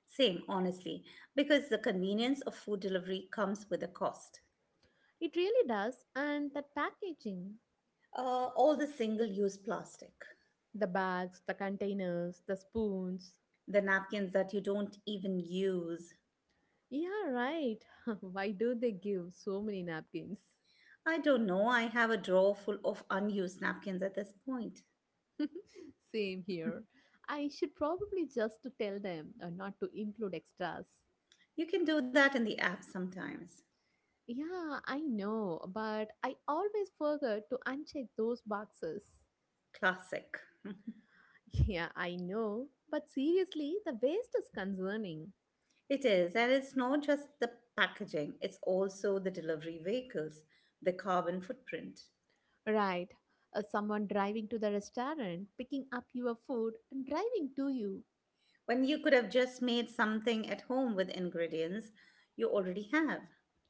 A: Same, honestly, because the convenience of food delivery comes with a cost.
B: It really does, and that packaging,
A: All the single use plastic,
B: the bags, the containers, the spoons.
A: the napkins that you don't even use.
B: Yeah, right. Why do they give so many napkins?
A: I don't know, I have a drawer full of unused napkins at this point.
B: Same here. I should probably just to tell them not to include extras.
A: You can do that in the app sometimes.
B: Yeah, I know, but I always forget to uncheck those boxes.
A: Classic.
B: Yeah, I know, but seriously, the waste is concerning.
A: It is, and it's not just the packaging, it's also the delivery vehicles, the carbon footprint.
B: Right. Someone driving to the restaurant, picking up your food, and driving to you.
A: When you could have just made something at home with ingredients you already have.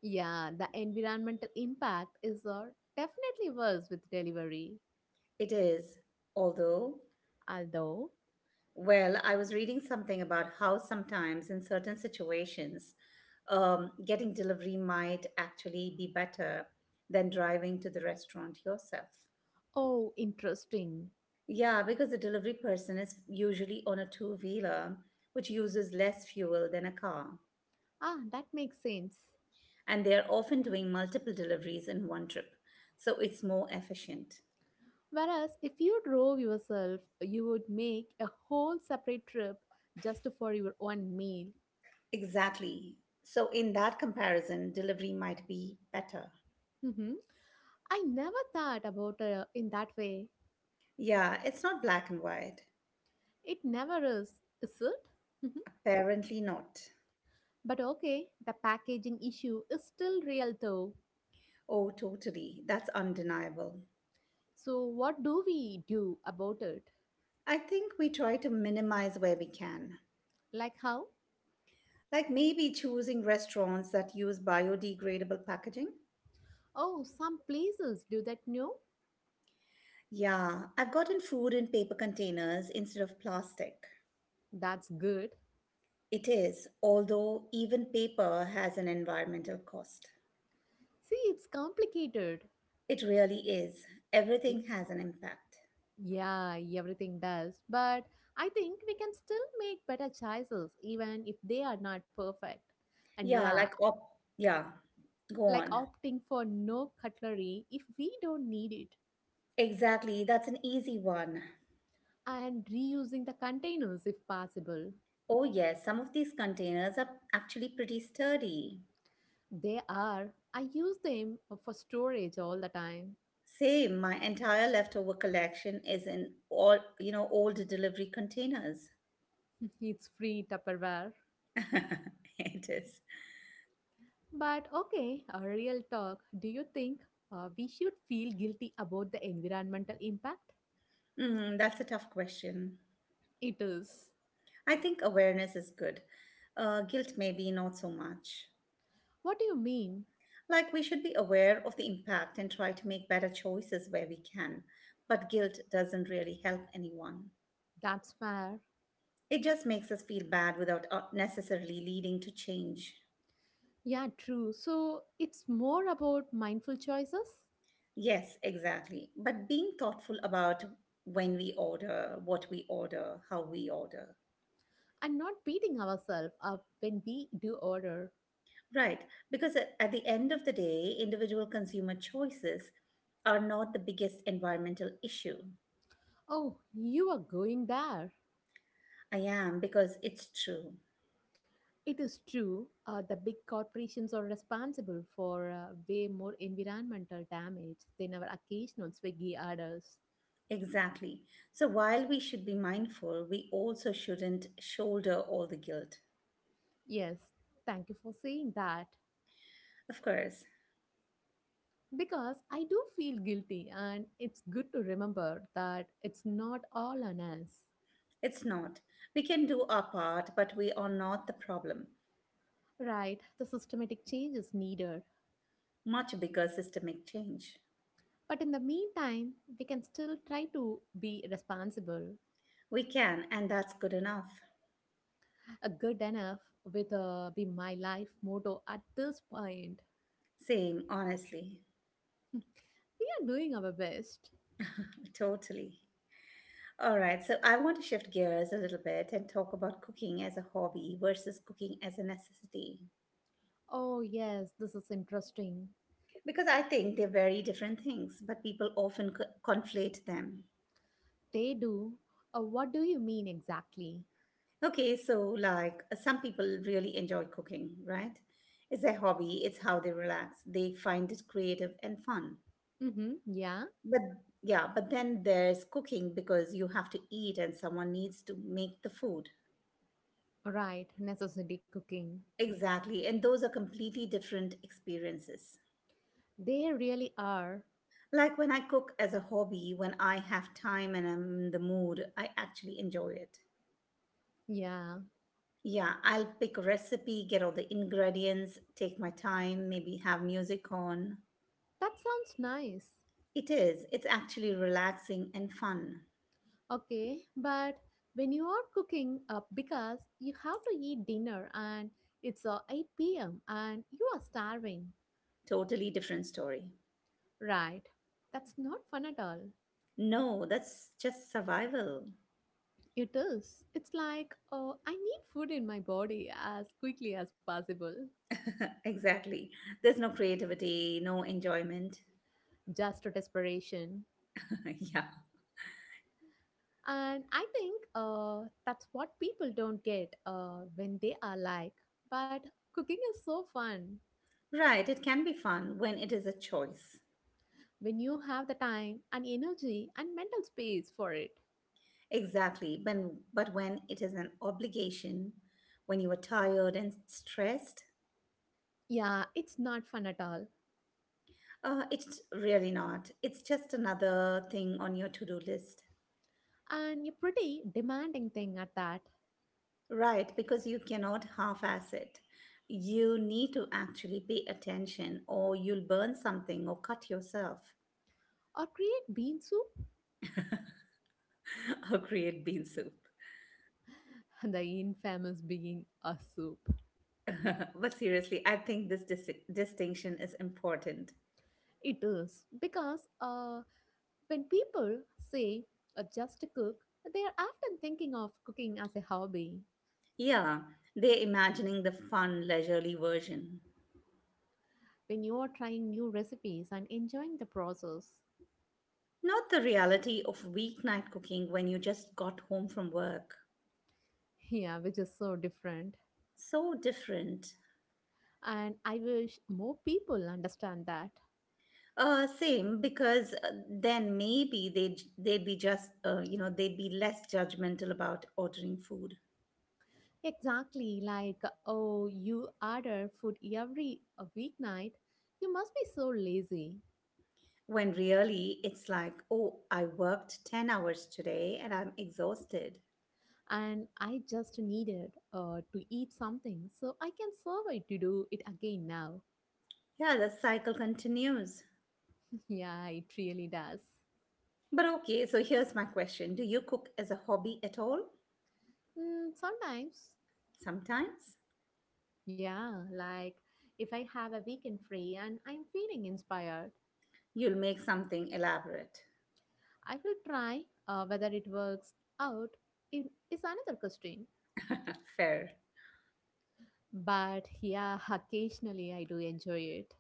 B: Yeah, the environmental impact is definitely worse with delivery.
A: It is. Although,
B: Although,
A: well, I was reading something about how sometimes in certain situations, getting delivery might actually be better than driving to the restaurant yourself.
B: oh, interesting.
A: Yeah, because the delivery person is usually on a two wheeler, which uses less fuel than a car.
B: Ah, that makes sense.
A: And they are often doing multiple deliveries in one trip, so it's more efficient.
B: Whereas if you drove yourself, you would make a whole separate trip just for your own meal.
A: Exactly. So, in that comparison, delivery might be better.
B: Hmm, I never thought about it in that way.
A: Yeah, it's not black and white.
B: It never is, is it? Mhm.
A: Apparently not.
B: But okay, the packaging issue is still real though.
A: Oh, totally. That's undeniable.
B: So, what do we do about it?
A: I think we try to minimize where we can.
B: Like how?
A: Like maybe choosing restaurants that use biodegradable packaging.
B: Oh, some places do that, no?
A: Yeah, I've gotten food in paper containers instead of plastic.
B: That's good.
A: It is, although even paper has an environmental cost.
B: See, it's complicated.
A: It really is. Everything has an impact.
B: Yeah, everything does. But I think we can still make better choices, even if they are not perfect. And
A: Yeah,
B: yeah,
A: like op yeah. Go
B: like
A: on.
B: opting for no cutlery if we don't need it,
A: Exactly, that's an easy one.
B: and reusing the containers if possible.
A: Oh, yes, some of these containers are actually pretty sturdy.
B: They are, I use them for storage all the time.
A: Same, my entire leftover collection is in all, you know, old delivery containers.
B: It's free Tupperware.
A: It is.
B: But okay, a real talk. Do you think we should feel guilty about the environmental impact?
A: Mm, that's a tough question.
B: It is.
A: I think awareness is good. Guilt, maybe not so much.
B: What do you mean?
A: Like, we should be aware of the impact and try to make better choices where we can. But guilt doesn't really help anyone.
B: That's fair.
A: It just makes us feel bad without necessarily leading to change.
B: Yeah, true. So it's more about mindful choices
A: Yes, exactly. But being thoughtful about when we order, what we order, how we order.
B: and not beating ourselves up when we do order.
A: Right. Because at the end of the day, individual consumer choices are not the biggest environmental issue.
B: Oh, you are going there.
A: I am because it's true.
B: It is true. The big corporations are responsible for way more environmental damage than our occasional Swiggy orders.
A: Exactly. So while we should be mindful, we also shouldn't shoulder all the guilt.
B: Yes, thank you for saying that.
A: Of course,
B: Because I do feel guilty, and it's good to remember that it's not all on us.
A: it's not. We can do our part, but we are not the problem.
B: Right, the systematic change is needed.
A: Much bigger systemic change.
B: But in the meantime, we can still try to be responsible.
A: We can, and that's good enough.
B: A good enough with a be my life motto at this point.
A: Same, honestly.
B: we are doing our best.
A: Totally. All right, so I want to shift gears a little bit and talk about cooking as a hobby versus cooking as a necessity.
B: Oh, yes, this is interesting.
A: Because I think they're very different things, but people often conflate them.
B: They do. What do you mean exactly?
A: Okay, so like some people really enjoy cooking, right? It's their hobby, it's how they relax, they find it creative and fun.
B: Mm-hmm. Yeah,
A: But yeah, but then there's cooking because you have to eat and someone needs to make the food.
B: right. Necessity cooking.
A: Exactly, and those are completely different experiences.
B: They really are.
A: Like when I cook as a hobby, when I have time and I'm in the mood, I actually enjoy it.
B: Yeah,
A: Yeah, I'll pick a recipe, get all the ingredients, take my time, maybe have music on.
B: that sounds nice.
A: It is, it's actually relaxing and fun.
B: Okay, but when you are cooking up because you have to eat dinner and it's 8 p.m. and you are starving,
A: Totally different story.
B: right? That's not fun at all.
A: No, that's just survival.
B: It is. It's like, oh, I need food in my body as quickly as possible,
A: exactly. There's no creativity, no enjoyment.
B: just to desperation.
A: yeah.
B: And I think that's what people don't get when they are like, but cooking is so fun
A: Right, it can be fun when it is a choice.
B: when you have the time and energy and mental space for it.
A: Exactly. But when it is an obligation, when you are tired and stressed,
B: Yeah, it's not fun at all.
A: it's really not. It's just another thing on your to do list.
B: And a pretty demanding thing at that.
A: Right, because you cannot half ass it. You need to actually pay attention, or you'll burn something, or cut yourself,
B: Or create bean soup?
A: or create bean soup.
B: The infamous bean a soup.
A: but seriously, I think this distinction is important.
B: It is because when people say just cook, they are often thinking of cooking as a hobby.
A: Yeah, they're imagining the fun, leisurely version.
B: When you are trying new recipes and enjoying the process,
A: Not the reality of weeknight cooking when you just got home from work.
B: yeah, which is so different.
A: So different.
B: And I wish more people understand that.
A: Same because then maybe they'd be just you know they'd be less judgmental about ordering food
B: Exactly, like, oh, you order food every weeknight. You must be so lazy.
A: when really it's like oh I worked 10 hours today and I'm exhausted.
B: And I just needed to eat something, so I can survive to do it again now.
A: Yeah, the cycle continues.
B: yeah, it really does.
A: But okay, so here's my question: Do you cook as a hobby at all?
B: Mm, sometimes,
A: Sometimes
B: yeah, like if I have a weekend free and I'm feeling inspired,
A: you'll make something elaborate.
B: I will try whether it works out. It is another question.
A: Fair.
B: But yeah, occasionally I do enjoy it.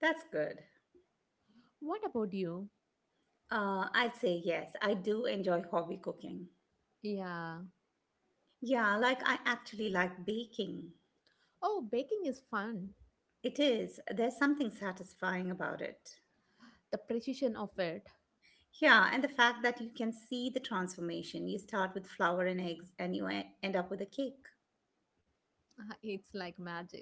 A: That's good.
B: What about you?
A: I'd say yes, I do enjoy hobby cooking.
B: Yeah.
A: Yeah, like I actually like baking.
B: Oh, baking is fun.
A: It is, there's something satisfying about it.
B: The precision of it,
A: Yeah, and the fact that you can see the transformation. You start with flour and eggs and you end up with a cake.
B: it's like magic.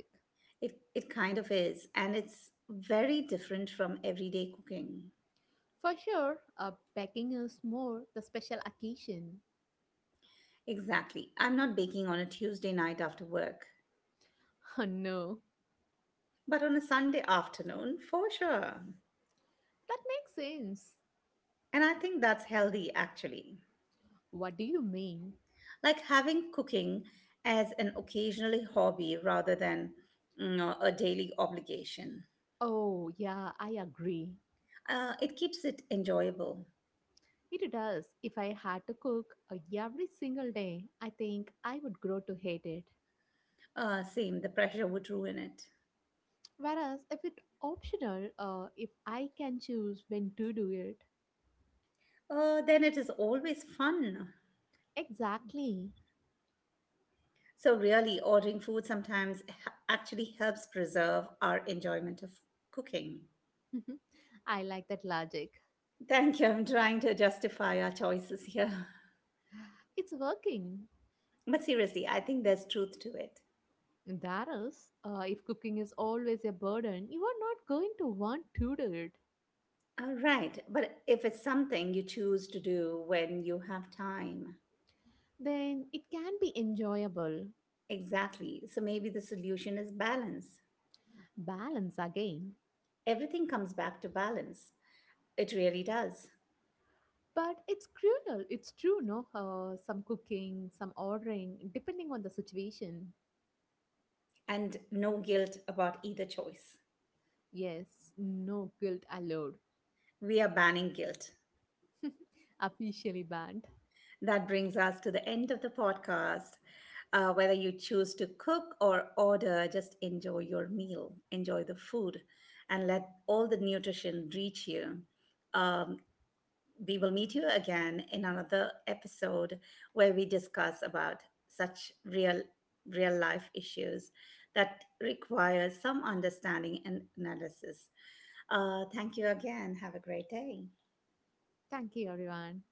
A: It kind of is, and it's very different from everyday cooking.
B: For sure, baking is more the special occasion.
A: Exactly. I'm not baking on a Tuesday night after work,
B: no,
A: but on a Sunday afternoon, for sure.
B: that makes sense.
A: And I think that's healthy, actually.
B: What do you mean?
A: Like having cooking as an occasionally hobby rather than, you know, a daily obligation.
B: Oh, yeah, I agree.
A: It keeps it enjoyable.
B: It does. If I had to cook every single day, I think I would grow to hate it.
A: Same, the pressure would ruin it.
B: Whereas if it's optional, if I can choose when to do it,
A: Then it is always fun.
B: exactly.
A: So, really, ordering food sometimes actually helps preserve our enjoyment of cooking.
B: I like that logic.
A: Thank you. I'm trying to justify our choices here.
B: It's working.
A: But seriously, I think there's truth to it.
B: That is, if cooking is always a burden, you are not going to want to do it.
A: All right. But if it's something you choose to do when you have time,
B: Then it can be enjoyable.
A: exactly. So maybe the solution is balance.
B: Balance again.
A: Everything comes back to balance. It really does.
B: But it's cruel. It's true, no? Some cooking, some ordering, depending on the situation.
A: And no guilt about either choice.
B: Yes, no guilt allowed.
A: We are banning guilt.
B: Officially banned.
A: That brings us to the end of the podcast. Whether you choose to cook or order, just enjoy your meal, enjoy the food, and let all the nutrition reach you. Um, we will meet you again in another episode where we discuss about such real life issues that require some understanding and analysis. Thank you again. Have a great day.
B: Thank you, everyone.